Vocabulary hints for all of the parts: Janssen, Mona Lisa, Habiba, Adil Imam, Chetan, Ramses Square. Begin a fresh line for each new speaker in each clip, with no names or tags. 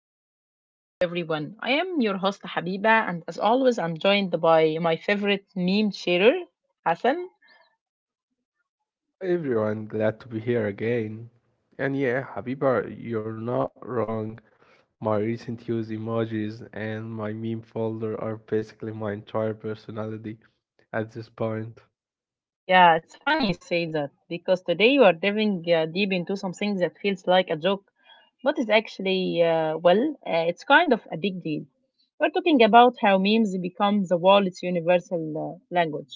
Culture Loop, everyone. I am your host, Habiba, and as always, I'm joined by my favorite meme sharer, Hassan. Yeah, it's funny you say that because today you are diving deep into something that feels like a joke, but is actually, it's kind of a big deal. We're talking about how memes become the world's universal language.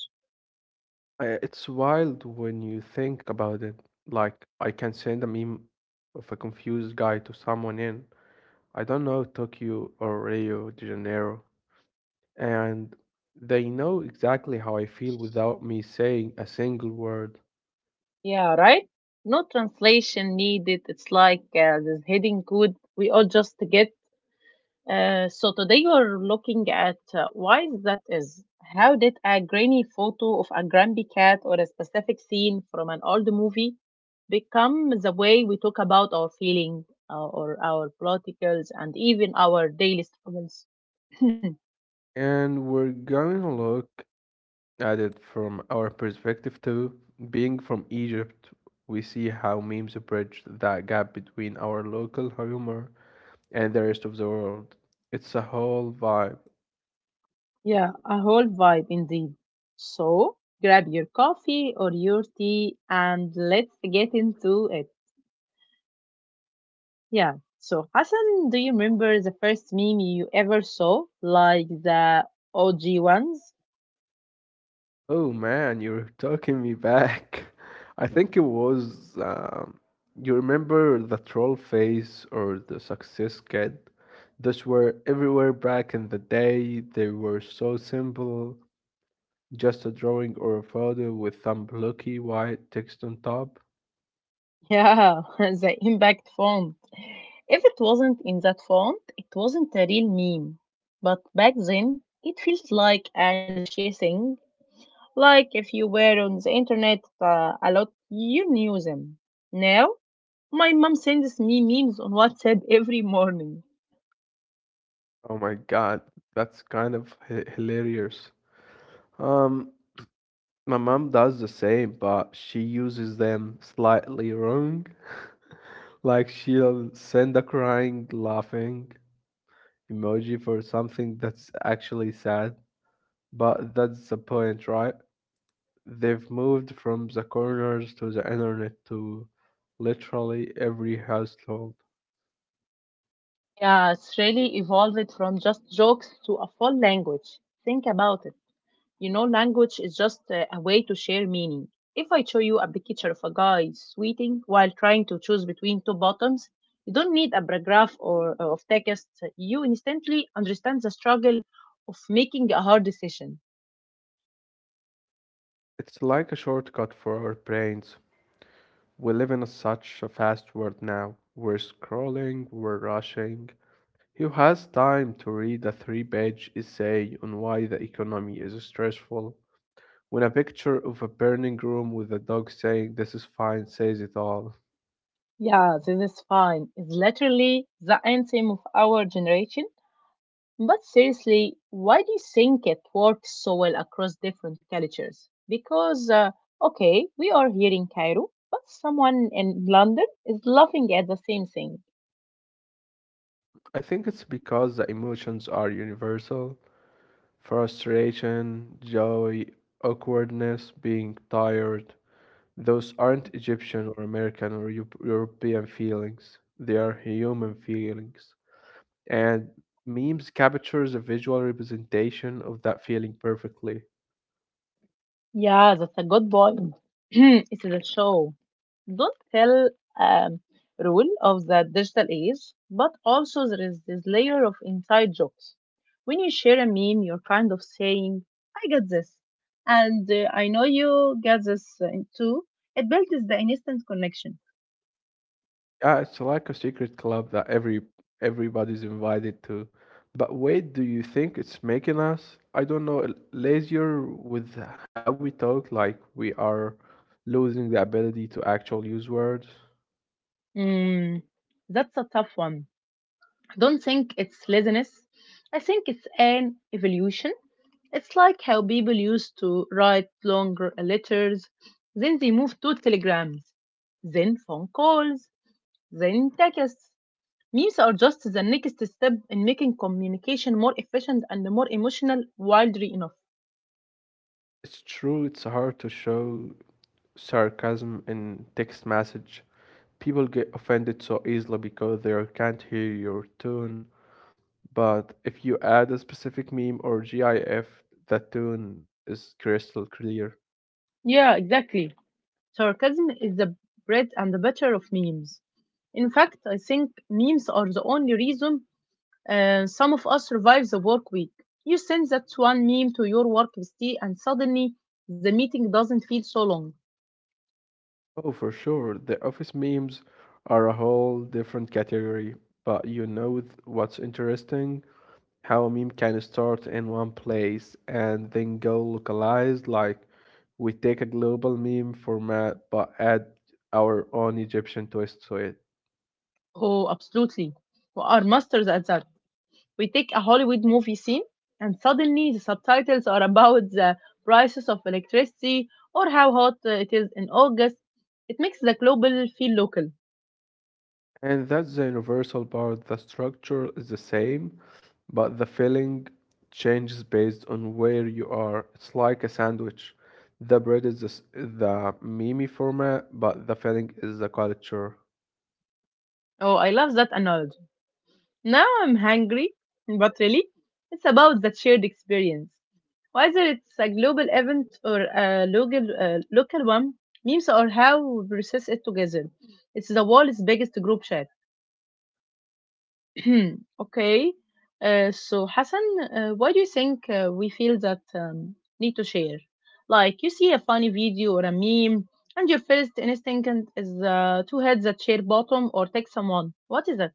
Yeah, right? No translation needed. It's like this hidden code we all just get. So today we're looking at why that is. How did a grainy photo of a grumpy cat or a specific scene from an old movie become the way we talk about our feeling or our politicals and even our daily struggles? Yeah, a whole vibe indeed. So grab your coffee or your tea and let's get into it. Yeah. So, Hassan, do you remember the first meme you ever saw? Like the OG ones? Yeah, the impact font. If it wasn't in that font, it wasn't a real meme. But back then, it feels like an she thing. Like if you were on the internet a lot, you knew them. Now, my mom sends me memes on WhatsApp every morning. Yeah, it's really evolved from just jokes to a full language. Think about it. You know, language is just a way to share meaning. If I show you a picture of a guy sweating while trying to choose between two bottoms, you don't need a paragraph or of text. You instantly understand the struggle of making a hard decision. Yeah, this is fine. It's literally the anthem of our generation. But seriously, why do you think it works so well across different cultures? Because, okay, we are here in Cairo, but someone in London is laughing at the same thing. Yeah, that's a good point. It's a show, don't tell um, rule of the digital age, but also there is this layer of inside jokes. When you share a meme, you're kind of saying, I got this. And I know you got this too. It builds the instant connection. Mm, that's a tough one. I don't think it's laziness. I think it's an evolution. It's like how people used to write longer letters, then they moved to telegrams, then phone calls. The intakes memes are just the next step in making communication more efficient and more emotional wildly enough. Yeah, exactly. Sarcasm is the bread and the butter of memes. In fact, I think memes are the only reason some of us survive the work week. You send that one meme to your work bestie, and suddenly the meeting doesn't feel so long. Oh, absolutely. We are masters at that. We take a Hollywood movie scene, and suddenly the subtitles are about the prices of electricity or how hot it is in August. It makes the global feel local. Oh, I love that analogy. Now I'm hungry, but really, it's about that shared experience. Whether it's a global event or a local one, memes are how we process it together. It's the world's biggest group chat. Okay. So, Hassan, why do you think we feel that need to share? Like, you see a funny video or a meme, and your first is to hit that share button or text someone. What is that?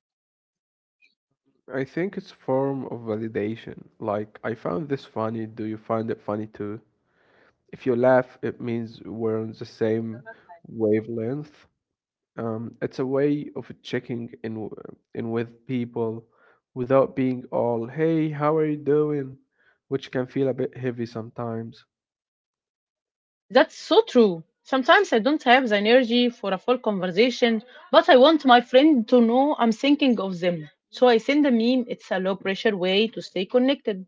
That's so true. Sometimes I don't have the energy for a full conversation, but I want my friend to know I'm thinking of them. So I send a meme. It's a low pressure way to stay connected.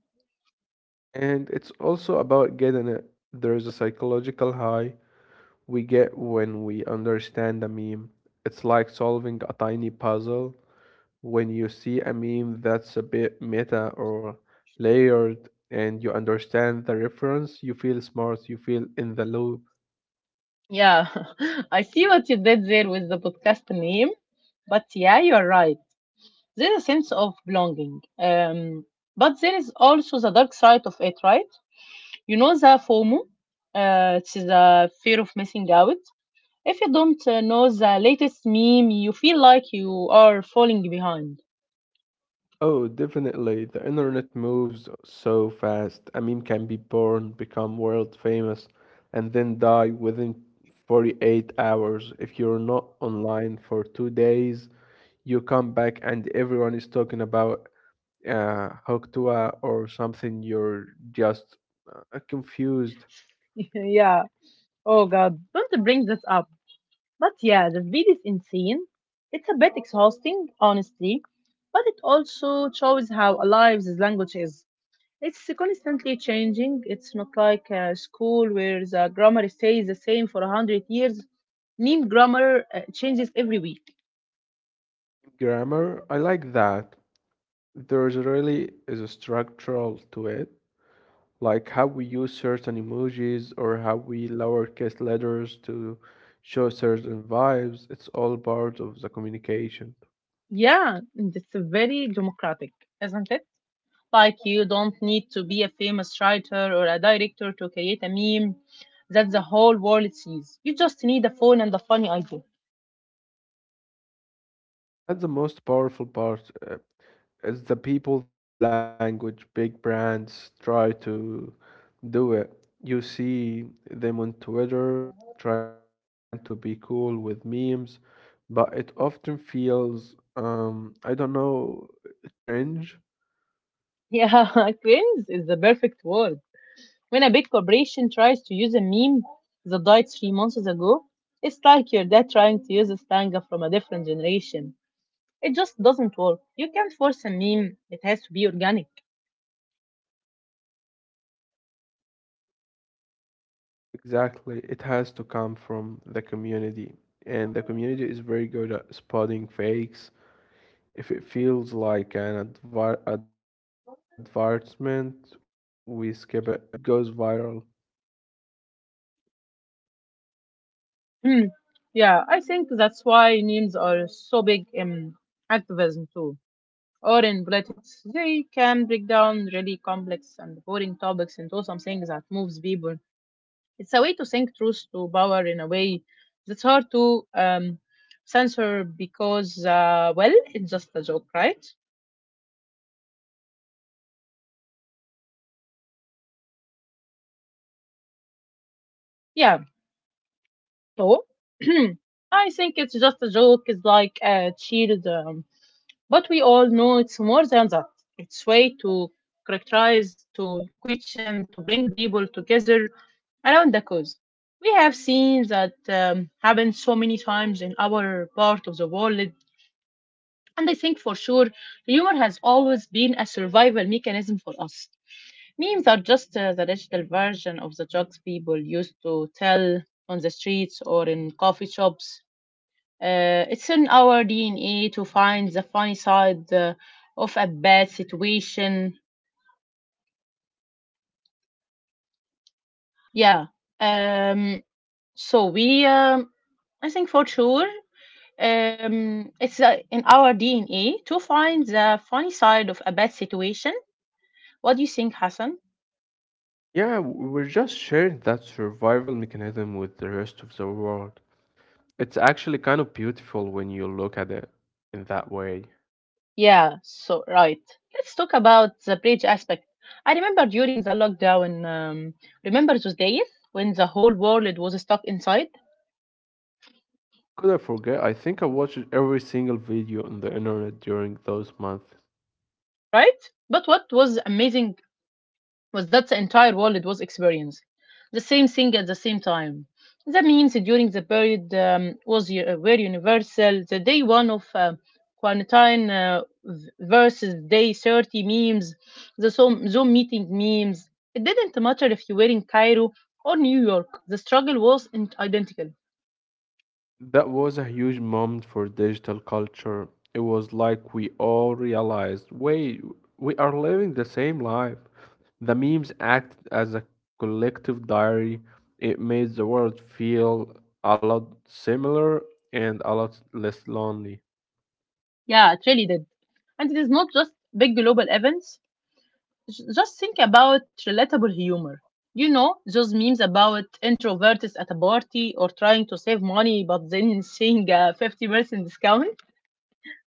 Yeah, I see what you did there with the podcast name. But yeah, you're right. There is a sense of belonging, but there is also the dark side of it, right? You know the FOMO, it's the fear of missing out. If you don't know the latest meme, you feel like you are falling behind. Yeah. Oh God. Don't bring this up. But yeah, the speed is insane. It's a bit exhausting, honestly, but it also shows how alive this language is. It's constantly changing. It's not like a school where the grammar stays the same for 100 years. Meme grammar changes every week. Yeah, and it's very democratic, isn't it? Like you don't need to be a famous writer or a director to create a meme that the whole world sees. You just need a phone and a funny idea. Yeah, cringe is the perfect word. When a big corporation tries to use a meme that died 3 months ago, it's like your dad trying to use a stanga from a different generation. It just doesn't work. You can't force a meme, it has to be organic. Hmm. Yeah, I think that's why memes are so big in activism too, or in politics. They can break down really complex and boring topics into something that moves people. It's a way to think truth to power in a way that's hard to censor because, well, it's just a joke, right? Yeah. So, I think it's just a joke. It's like a shield, but we all know it's more than that. It's way to characterize, to question, to bring people together around the cause. We have seen that happen so many times in our part of the world. And I think for sure, humor has always been a survival mechanism for us. Memes are just the digital version of the jokes people used to tell on the streets or in coffee shops. It's in our DNA to find the funny side of a bad situation. Yeah. Um, so we, um I think for sure, it's in our DNA to find the funny side of a bad situation. What do you think, Hassan?
Yeah, we're just sharing that survival mechanism with the rest of the world. It's actually kind of beautiful when you look at it in that way.
Yeah, so right. Let's talk about the bridge aspect. I remember during the lockdown, remember those days when the whole world was stuck inside,
Could I forget? I think I watched every single video on the internet during those months.
right? But what was amazing was that the entire world was experiencing the same thing at the same time. The memes during the period were universal. The day one of quarantine versus day 30 memes, the Zoom meeting memes. It didn't matter if you were in Cairo or New York, the struggle was identical.
That was a huge moment for digital culture. It was like we all realized, wait, we are living the same life. The memes acted as a collective diary. It made the world feel a lot similar and a lot less lonely.
Yeah, it really did. And it is not just big global events, just think about relatable humor. You know, those memes about introverts at a party or trying to save money but then seeing a 50% discount?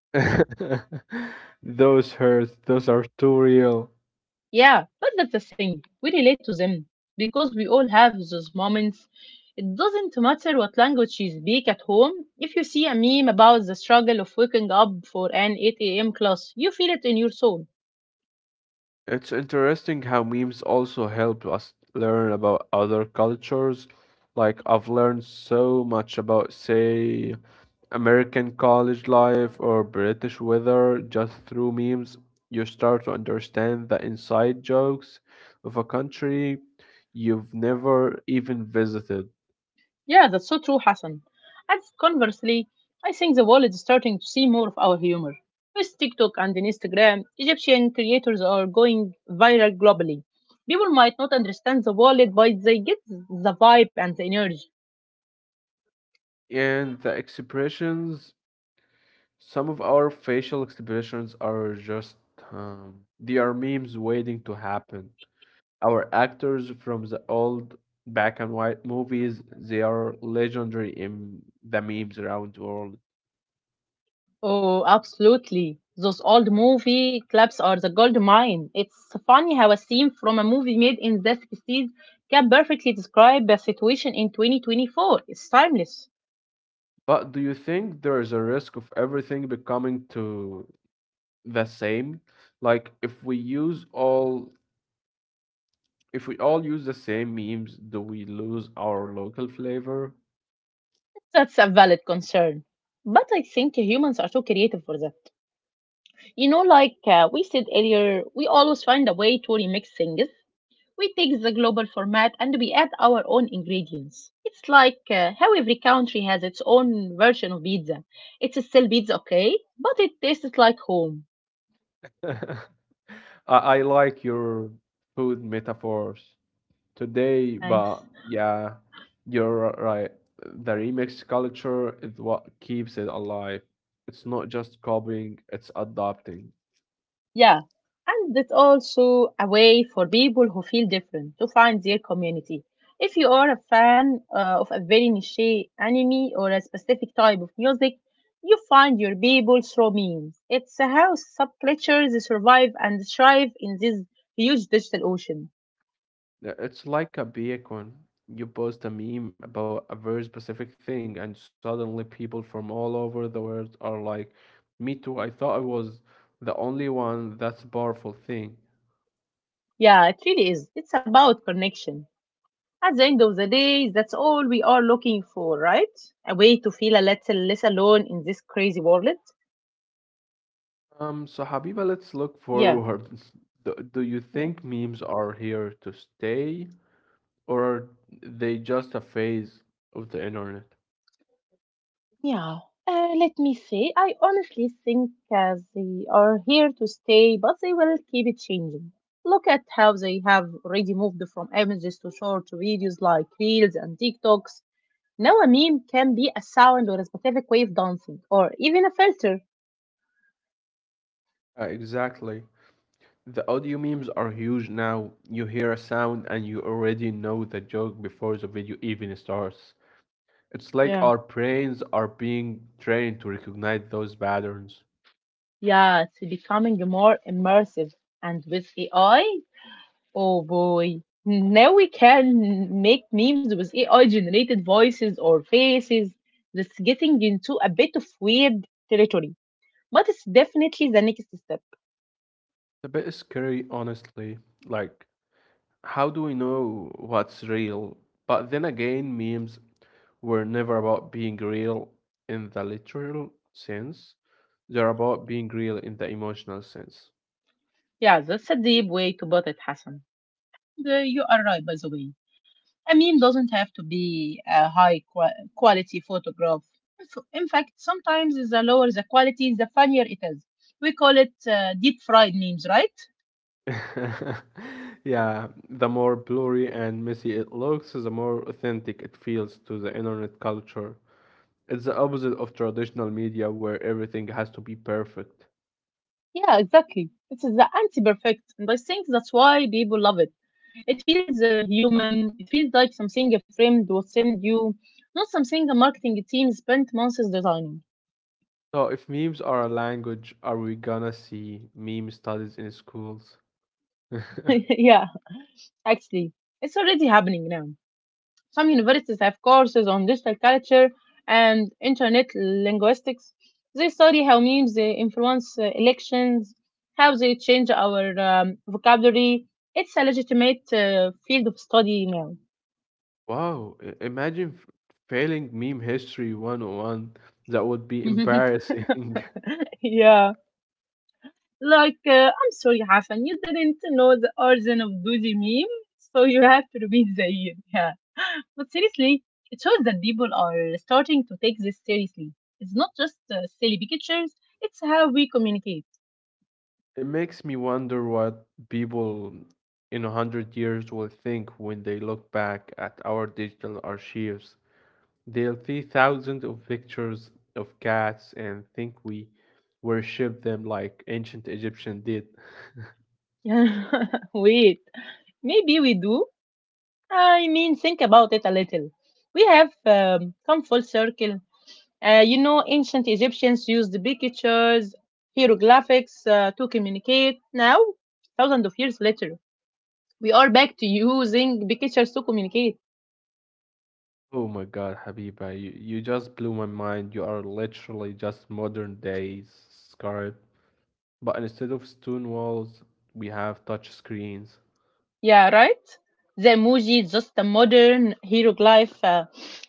Those hurts, those are too real.
Yeah, but that's the thing. We relate to them because we all have those moments. It doesn't matter what language you speak at home. If you see a meme about the struggle of waking up for an 8 a.m. class, you feel it in your soul.
It's interesting how memes also helped us learn about other cultures. Like, I've learned so much about, say, American college life or British weather just through memes. You start to understand the inside jokes of a country you've never even visited.
Yeah, that's so true, Hassan. And conversely, I think the world is starting to see more of our humor. With TikTok and Instagram, Egyptian creators are going viral globally. People might not understand the world, but they get the vibe and the energy.
And the expressions, some of our facial expressions are just, they are memes waiting to happen. Our actors from the old black and white movies, they are legendary in the memes around the world.
Oh, absolutely. Those old movie clips are the gold mine. It's funny how a scene from a movie made in the 60s can perfectly describe a situation in 2024. It's timeless.
But do you think there is a risk of everything becoming to the same? Like if we all use the same memes, do we lose our local flavor?
That's a valid concern. But I think humans are so creative for that. You know, like we said earlier, we always find a way to remix things. We take the global format and we add our own ingredients. It's like how every country has its own version of pizza. It's still pizza, okay, but it tastes like home.
I, I like your food metaphors today,
Thanks.
but yeah, you're right. The remix culture is what keeps it alive. It's not just copying, it's adopting.
Yeah, and it's also a way for people who feel different to find their community. If you are a fan of a very niche anime or a specific type of music, you find your people through memes. It's how subcultures survive and thrive in this huge digital ocean.
It's like a beacon. You post a meme about a very specific thing, and suddenly people from all over the world are like, "Me too, I thought I was the only one." That's a powerful thing.
Yeah, it really is. It's about connection. At the end of the day, that's all we are looking for, right? A way to feel a little less alone in this crazy world.
So Habiba, let's look
Yeah,
forward. Do you
yeah.
think memes are here to stay? Or are they just a phase of the internet?
Yeah. Let me say, I honestly think they are here to stay, but they will keep it changing. Look at how they have already moved from images to short videos like Reels and TikToks. Now a meme can be a sound or a specific way of dancing, or even a filter.
Exactly. The audio memes are huge now. You hear a sound and you already know the joke before the video even starts. It's like
Yeah.
our brains are being trained to recognize those patterns.
Yeah, it's becoming more immersive. And with AI, Oh boy. Now we can make memes with AI generated voices or faces. That's getting into a bit of weird territory. But it's definitely the next step.
It's a bit scary, honestly. Like, how do we know what's real? But then again, memes were never about being real in the literal sense, they're about being real in the emotional sense.
Yeah, that's a deep way to put it, Hassan. The, you are right, by the way. A meme doesn't have to be a high quality photograph. In fact, sometimes the lower the quality, the funnier it is. We call it deep fried memes, right?
Yeah, the more blurry and messy it looks, the more authentic it feels to the internet culture. It's the opposite of traditional media where everything has to be perfect.
Yeah, exactly. It's the anti-perfect, and I think that's why people love it. It feels human. It feels like something a friend would send you, not something a marketing team spent months designing.
So, if memes are a language, are we gonna see meme studies in schools?
Yeah, actually, it's already happening now. Some universities have courses on digital culture and internet linguistics. They study how memes influence elections, how they change our vocabulary. It's a legitimate field of study now.
Wow, imagine failing meme history 101. That would be embarrassing.
Yeah. Like, I'm sorry, Hassan, you didn't know the origin of Dozy meme, so you have to repeat the year. Yeah. But seriously, it shows that people are starting to take this seriously. It's not just silly pictures, it's how we communicate.
It makes me wonder what people in 100 years will think when they look back at our digital archives. They'll see thousands of pictures of cats and think we worship them like ancient Egyptians did.
Wait, maybe we do. I mean, think about it a little. We have come full circle. You know, ancient Egyptians used pictures, hieroglyphics to communicate. Now, thousands of years later, we are back to using pictures to communicate.
Oh my God, Habiba, you just blew my mind. You are literally just modern day Scarab. But instead of stone walls, we have touch screens.
Yeah, right? The emoji is just a modern hieroglyph. Uh,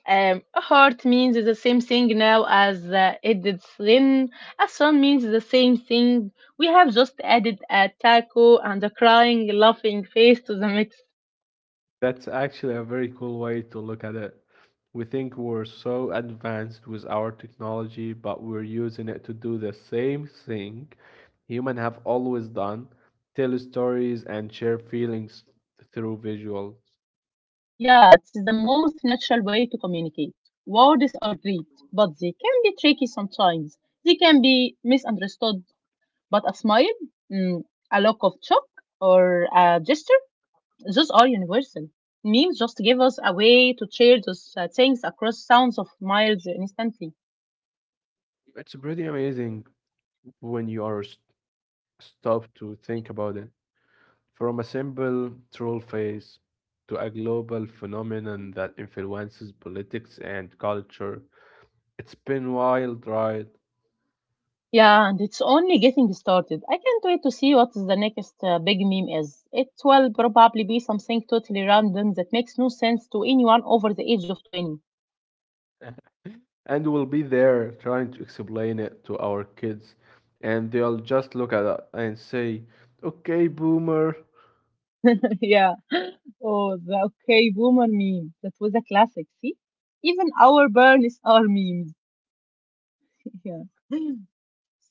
um, A heart means the same thing now as it did then. A sun means the same thing. We have just added a taco and a crying, laughing face to the mix.
That's actually a very cool way to look at it. We think we're so advanced with our technology, but we're using it to do the same thing humans have always done, tell stories and share feelings through visuals.
Yeah, it's the most natural way to communicate. Words are great, but they can be tricky sometimes. They can be misunderstood. But a smile, mm, a look of shock, or a gesture, those are universal. Memes just give us a way to share those things across sounds of miles instantly.
It's pretty amazing when you are stopped to think about it. From a simple troll face to a global phenomenon that influences politics and culture. It's been wild, right?
Yeah, and it's only getting started. I can't wait to see what is the next big meme is. It will probably be something totally random that makes no sense to anyone over the age of 20.
And we'll be there trying to explain it to our kids, and they'll just look at us and say, okay boomer.
Yeah. Oh, the okay boomer meme. That was a classic, see? Even our burns are memes. Yeah.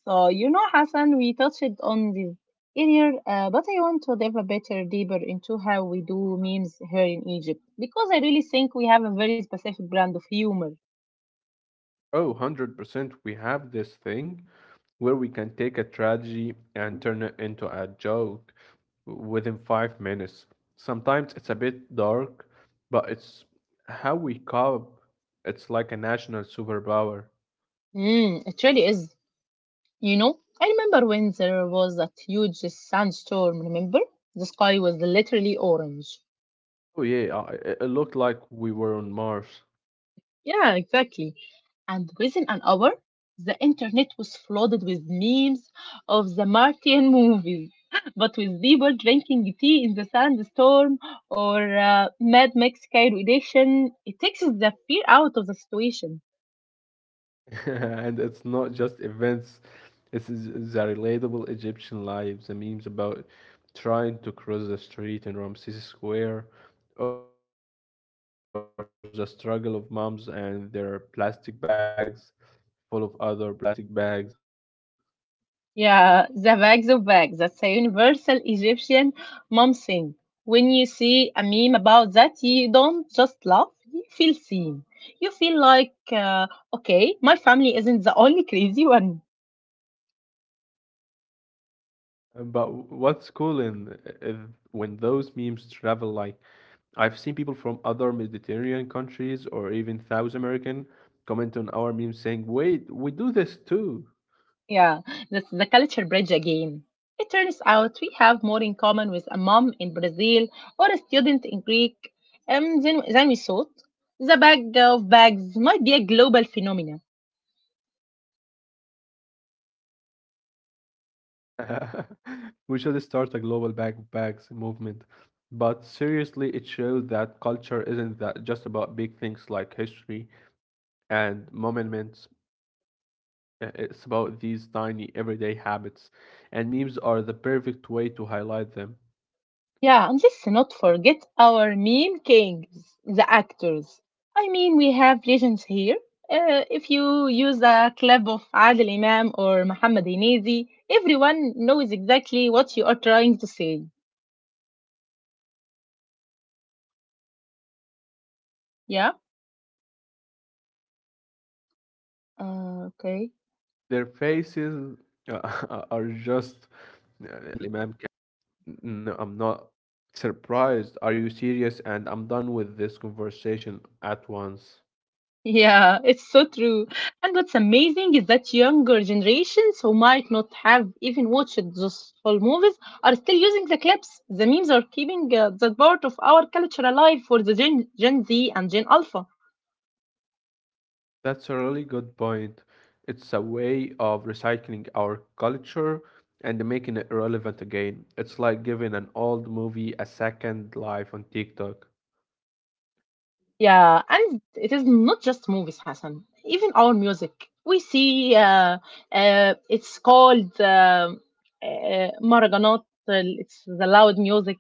So, you know, Hassan, we touched on this earlier, but I want to dive a bit deeper into how we do memes here in Egypt because I really think we have a very specific brand of humor.
Oh, 100%, we have this thing where we can take a tragedy and turn it into a joke within 5 minutes. Sometimes it's a bit dark, but it's how we cope. It's like a national superpower.
Mm, it really is. You know, I remember when there was that huge sandstorm, remember? The sky was literally orange.
Oh yeah, it looked like we were on Mars.
Yeah, exactly. And within an hour, the internet was flooded with memes of the Martian movies, but with people drinking tea in the sandstorm or Mad Max Cairo edition. It takes the fear out of the situation.
And it's not just events, it's the relatable Egyptian life, the memes about trying to cross the street in Ramses Square, or the struggle of moms and their plastic bags full of other plastic bags.
Yeah, the bags of bags. That's a universal Egyptian mom thing. When you see a meme about that, you don't just laugh, you feel seen. You feel like, okay, my family isn't the only crazy one.
But what's cool in is when those memes travel, like I've seen people from other Mediterranean countries or even South American comment on our memes
Yeah,
saying,
this
"Wait,
the
we
culture
do
bridge
this
again.
too."
It turns out we have more in common with a mom in Brazil or a student in Greek than we thought. The bag of bags might be a global phenomenon.
We should start a global backpacks movement. But seriously, it shows that culture isn't that just about big things like history and monuments. It's about these tiny everyday habits,
Yeah, and
and
let's
memes
not
are the
forget our
perfect way
meme
to highlight
kings,
them.
the actors. I mean, we have legends here. If you use a clip of Adil Imam or Muhammad Hinazi, everyone knows exactly what you are trying to say. Yeah? Okay.
Their faces are just, you know, they are built for memes. One look from Adil Imam can mean I'm disappointed, but no, I'm not
Yeah, it's
surprised.
so
Are you
true.
serious? And I'm
And
done
what's
with this
amazing is that
conversation at
younger
once.
generations who might not have even watched those whole movies are still using the clips. The memes are keeping that part of our culture alive for the Gen Z and Gen Alpha.
That's a really good point. It's a way of recycling our culture and making it relevant again. It's like giving an old movie a second life on TikTok.
Yeah, and it is not just movies, Hassan. Even our music, we see it's called maraganot. It's the loud music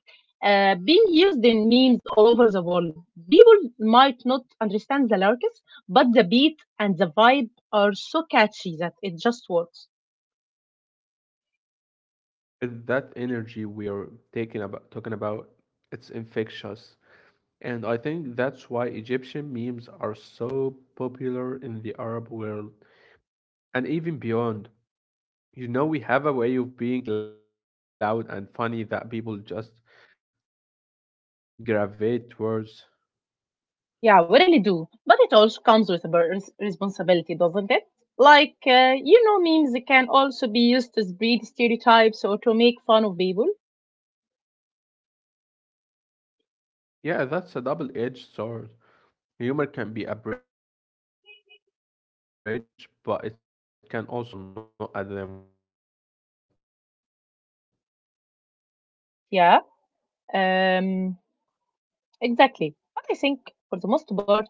being used in memes all over the world. People might not understand the lyrics, but the beat and the vibe are so catchy that it just works.
That energy we're talking about, it's infectious. And I think that's why Egyptian memes are so popular in the Arab world and even beyond. You know, we have a way of being loud and funny that people just gravitate towards.
Yeah, we really do. But it also comes with a responsibility, doesn't it? Like, you know, memes can also be used to spread stereotypes or to make fun of people.
Yeah, that's a double-edged sword. Humor can be a bridge, but it can also be a wall. We have to be careful that we're laughing with people, not at them.
Yeah, um, exactly. But I think for the most part,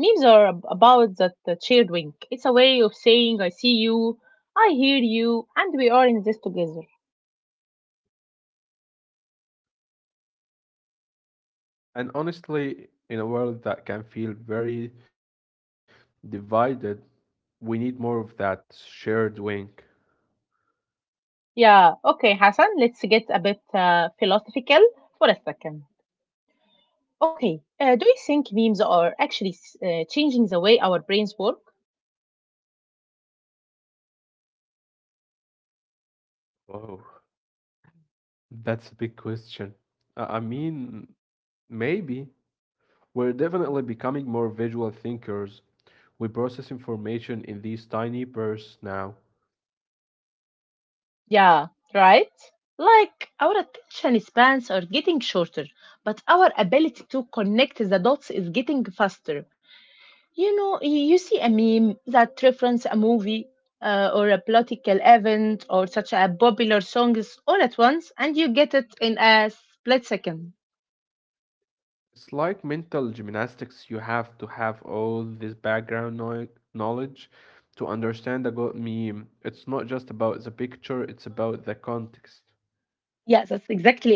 memes are about that shared wink. It's a way of saying, I see you, I hear you, and we are in this together.
And honestly, in a world that can feel very divided, we need more of that shared wink.
Yeah, okay, Hassan, let's get a bit philosophical for a second. Okay, do you think memes are actually changing the way our brains work?
Oh, that's a big question. I mean, maybe. We're definitely becoming more visual thinkers. We process information in these tiny bursts now.
Yeah, right? Like, our attention spans are getting shorter, but our ability to connect the dots is getting faster. You know, you see a meme that reference a movie or a political event or such a popular songs all at once, and you get it in a split second.
It's like mental gymnastics. You have to have all this background knowledge to understand a good meme. It's not just about the picture, it's about the context.
Yeah, that's exactly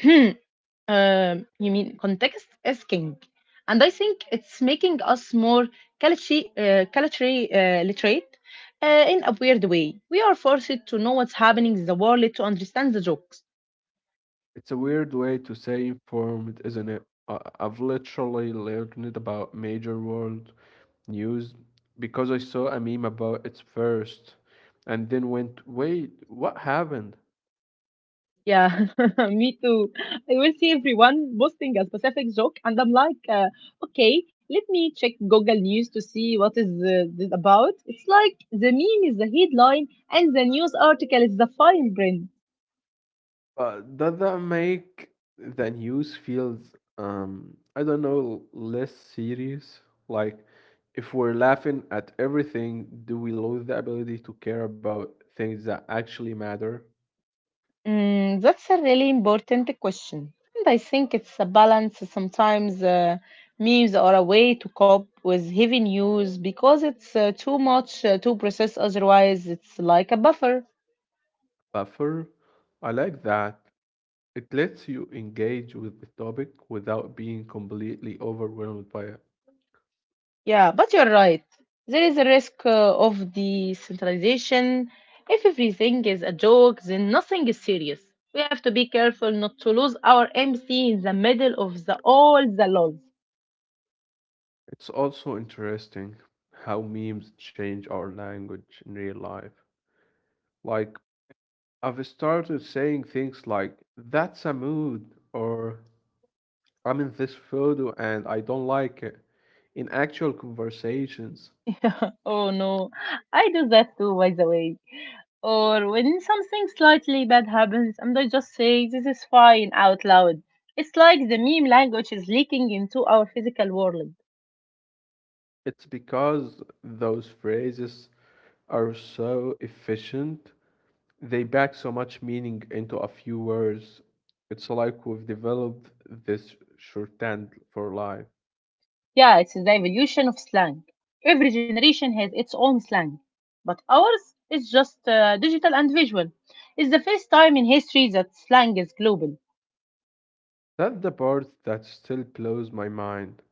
it. You mean context is king, and I think it's making us more culturally literate in a weird way. We are forced to know what's happening in the world to understand the jokes.
It's a weird way to say informed, isn't it? I've literally learned about major world news because I saw a meme about it first and then went, wait, what happened?
Yeah, me too. I will see everyone posting a specific joke, and I'm like, okay, let me check Google News to see what is this about. It's like the meme is the headline, and the news article is the fine print.
But does that make the news feels, I don't know, less serious? Like if we're laughing at everything, do we lose the ability to care about things that actually matter?
Mm, that's a really important question. And I think it's a balance. Sometimes memes are a way to cope with heavy news because it's too much to process, otherwise, it's like a buffer.
Buffer? I like that. It lets you engage with the topic without being completely overwhelmed by it.
Yeah, but you're right. There is a risk of decentralization. If everything is a joke, then nothing is serious. We have to be careful not to lose our MC in the middle of the all the lol.
It's also interesting how memes change our language in real life. Like, I've started saying things like, that's a mood, or I'm in this photo and I don't like it, in actual conversations.
Oh no, I do that too, by the way. Or when something slightly bad happens, and I just say, this is fine out loud. It's like the meme language is leaking into our physical world.
It's because those phrases are so efficient, they pack so much meaning into a few words. It's like we've developed this shorthand for life.
Yeah, it's the evolution of slang. Every generation has its own slang. But ours is just digital and visual. It's the first time in history that slang is global.
That's the part that still blows my mind.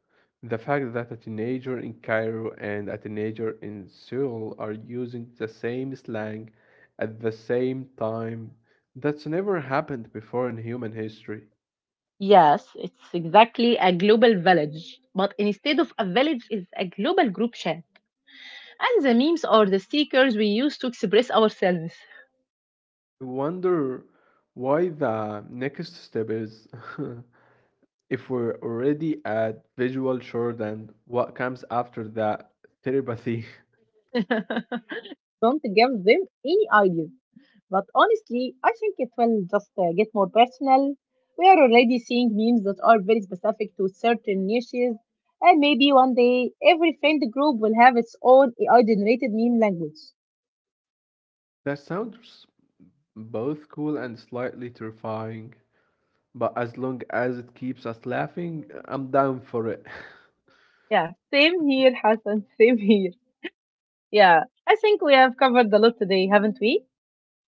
The fact that a teenager in Cairo and a teenager in Seoul are using the same slang at the same time, that's never happened before in human history.
Yes, it's exactly a global village. But instead of a village, it's a global group chat. And the memes are the stickers we use to express ourselves.
I wonder why the next step is. If we're already at visual shorthand, what comes after that? Telepathy.
Don't give them any ideas. But honestly, I think it will just get more personal. We are already seeing memes that are very specific to certain niches, and maybe one day every friend group will have its own AI generated meme language.
That sounds both cool and slightly terrifying. But as long as it keeps us laughing, I'm down for it.
Yeah, same here, Hassan, same here. Yeah, I think we have covered a lot today, haven't we?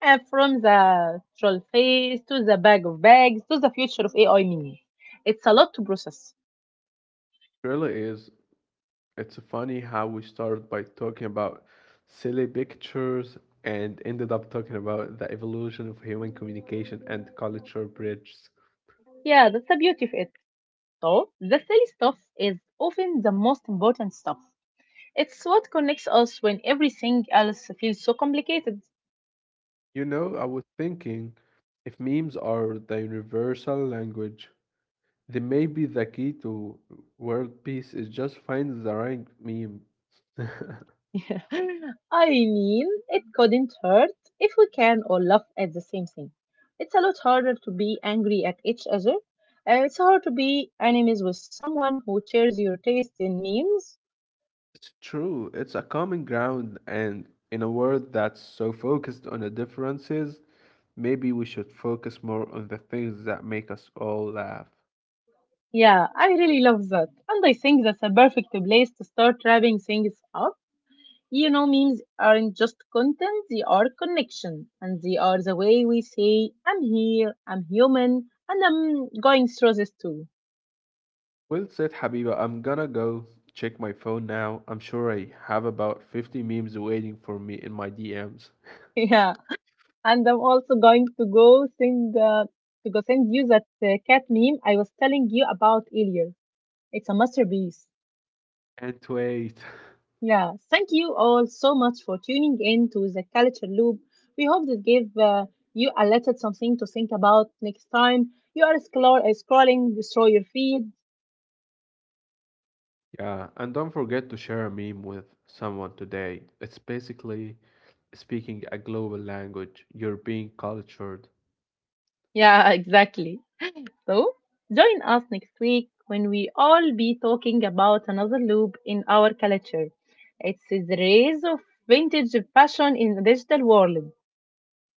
And from the troll face to the bag of bags to the future of AI mini. It's a lot to process.
Really is. It's funny how we started by talking about silly pictures and ended up talking about the evolution of human communication and culture bridges.
Yeah, that's the beauty of it. So, the silly stuff is often the most important stuff. It's what connects us when everything else feels so complicated.
You know, I was thinking, if memes are the universal language, then maybe the key to world peace is just find the right meme.
Yeah. I mean, it couldn't hurt if we can all laugh at the same thing. It's a lot harder to be angry at each other. It's hard to be enemies with someone who shares your taste in memes.
It's true. It's a common ground, and in a world that's so focused on the differences, maybe we should focus more on the things that make us all laugh.
Yeah, I really love that. And I think that's a perfect place to start wrapping things up. You know, memes aren't just content, they are connection. And they are the way we say, I'm here, I'm human, and I'm going through this too.
Well said, Habiba. I'm gonna go check my phone now. I'm sure I have about 50 memes waiting for me in my DMs.
Yeah. And I'm also going to go send you that cat meme I was telling you about earlier. It's a masterpiece.
Can't wait.
Yeah, thank you all so much for tuning in to the Culture Loop. We hope this gave you a little something to think about next time you are scrolling through your feed.
Yeah, and don't forget to share a meme with someone today. It's basically speaking a global language. You're being cultured.
Yeah, exactly. So, join us next week when we all be talking about another loop in our culture. It's the rise of vintage fashion in the digital world.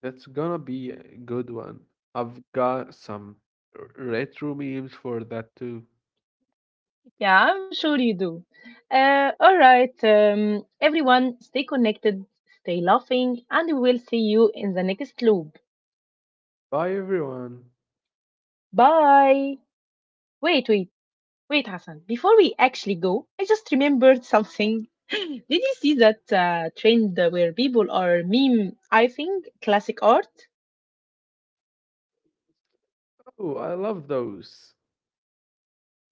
That's gonna be a good one. I've got some retro memes for that too.
Yeah, I'm sure you do. All right, everyone, stay connected, stay laughing, and we will see you in the next loop.
Bye everyone.
Bye. Wait, wait, wait, Hassan. Before we actually go, I just remembered something. Did you see that trend where people are meme I classic art?
Oh, I love those.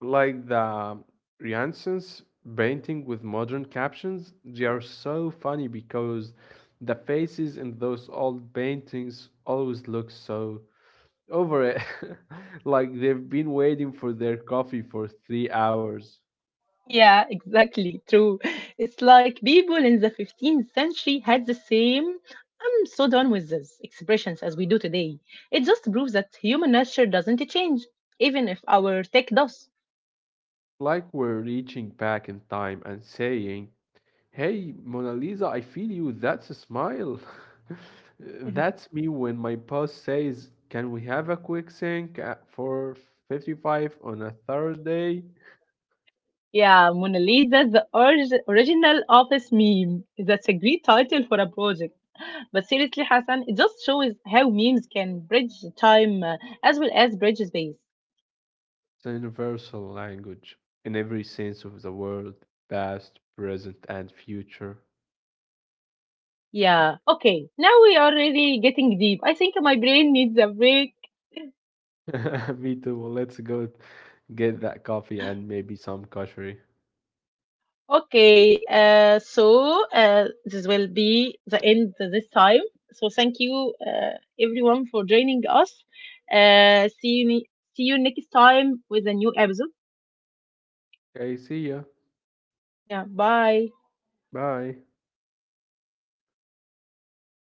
Like the Janssen's painting with modern captions. They are so funny because the faces in those old paintings always look so over it. Like they've been waiting for their coffee for 3 hours.
Yeah, exactly. True. It's like people in the 15th century had the same, I'm so done with this expressions as we do today. It just proves that human nature doesn't change, even if our tech does.
Like we're reaching back in time and saying, hey, Mona Lisa, I feel you. That's a smile.
Mhm.
That's me when my boss says, can we have a quick sync at 4:55 on a Thursday?
Yeah, Mona Lisa, the original office meme. That's a great title for a project. But seriously, Hassan, it just shows how memes can bridge time as well as bridge space.
It's a universal language in every sense of the word, past, present, and future.
Yeah, okay. Now we are really getting deep. I think my brain needs a break.
Me too. Well, let's go get that coffee and maybe some kashri.
Okay, so this will be the end this time. So thank you everyone for joining us. Uh, see you ne- See you next time with a new episode.
Okay, see ya.
Yeah, bye.
Bye.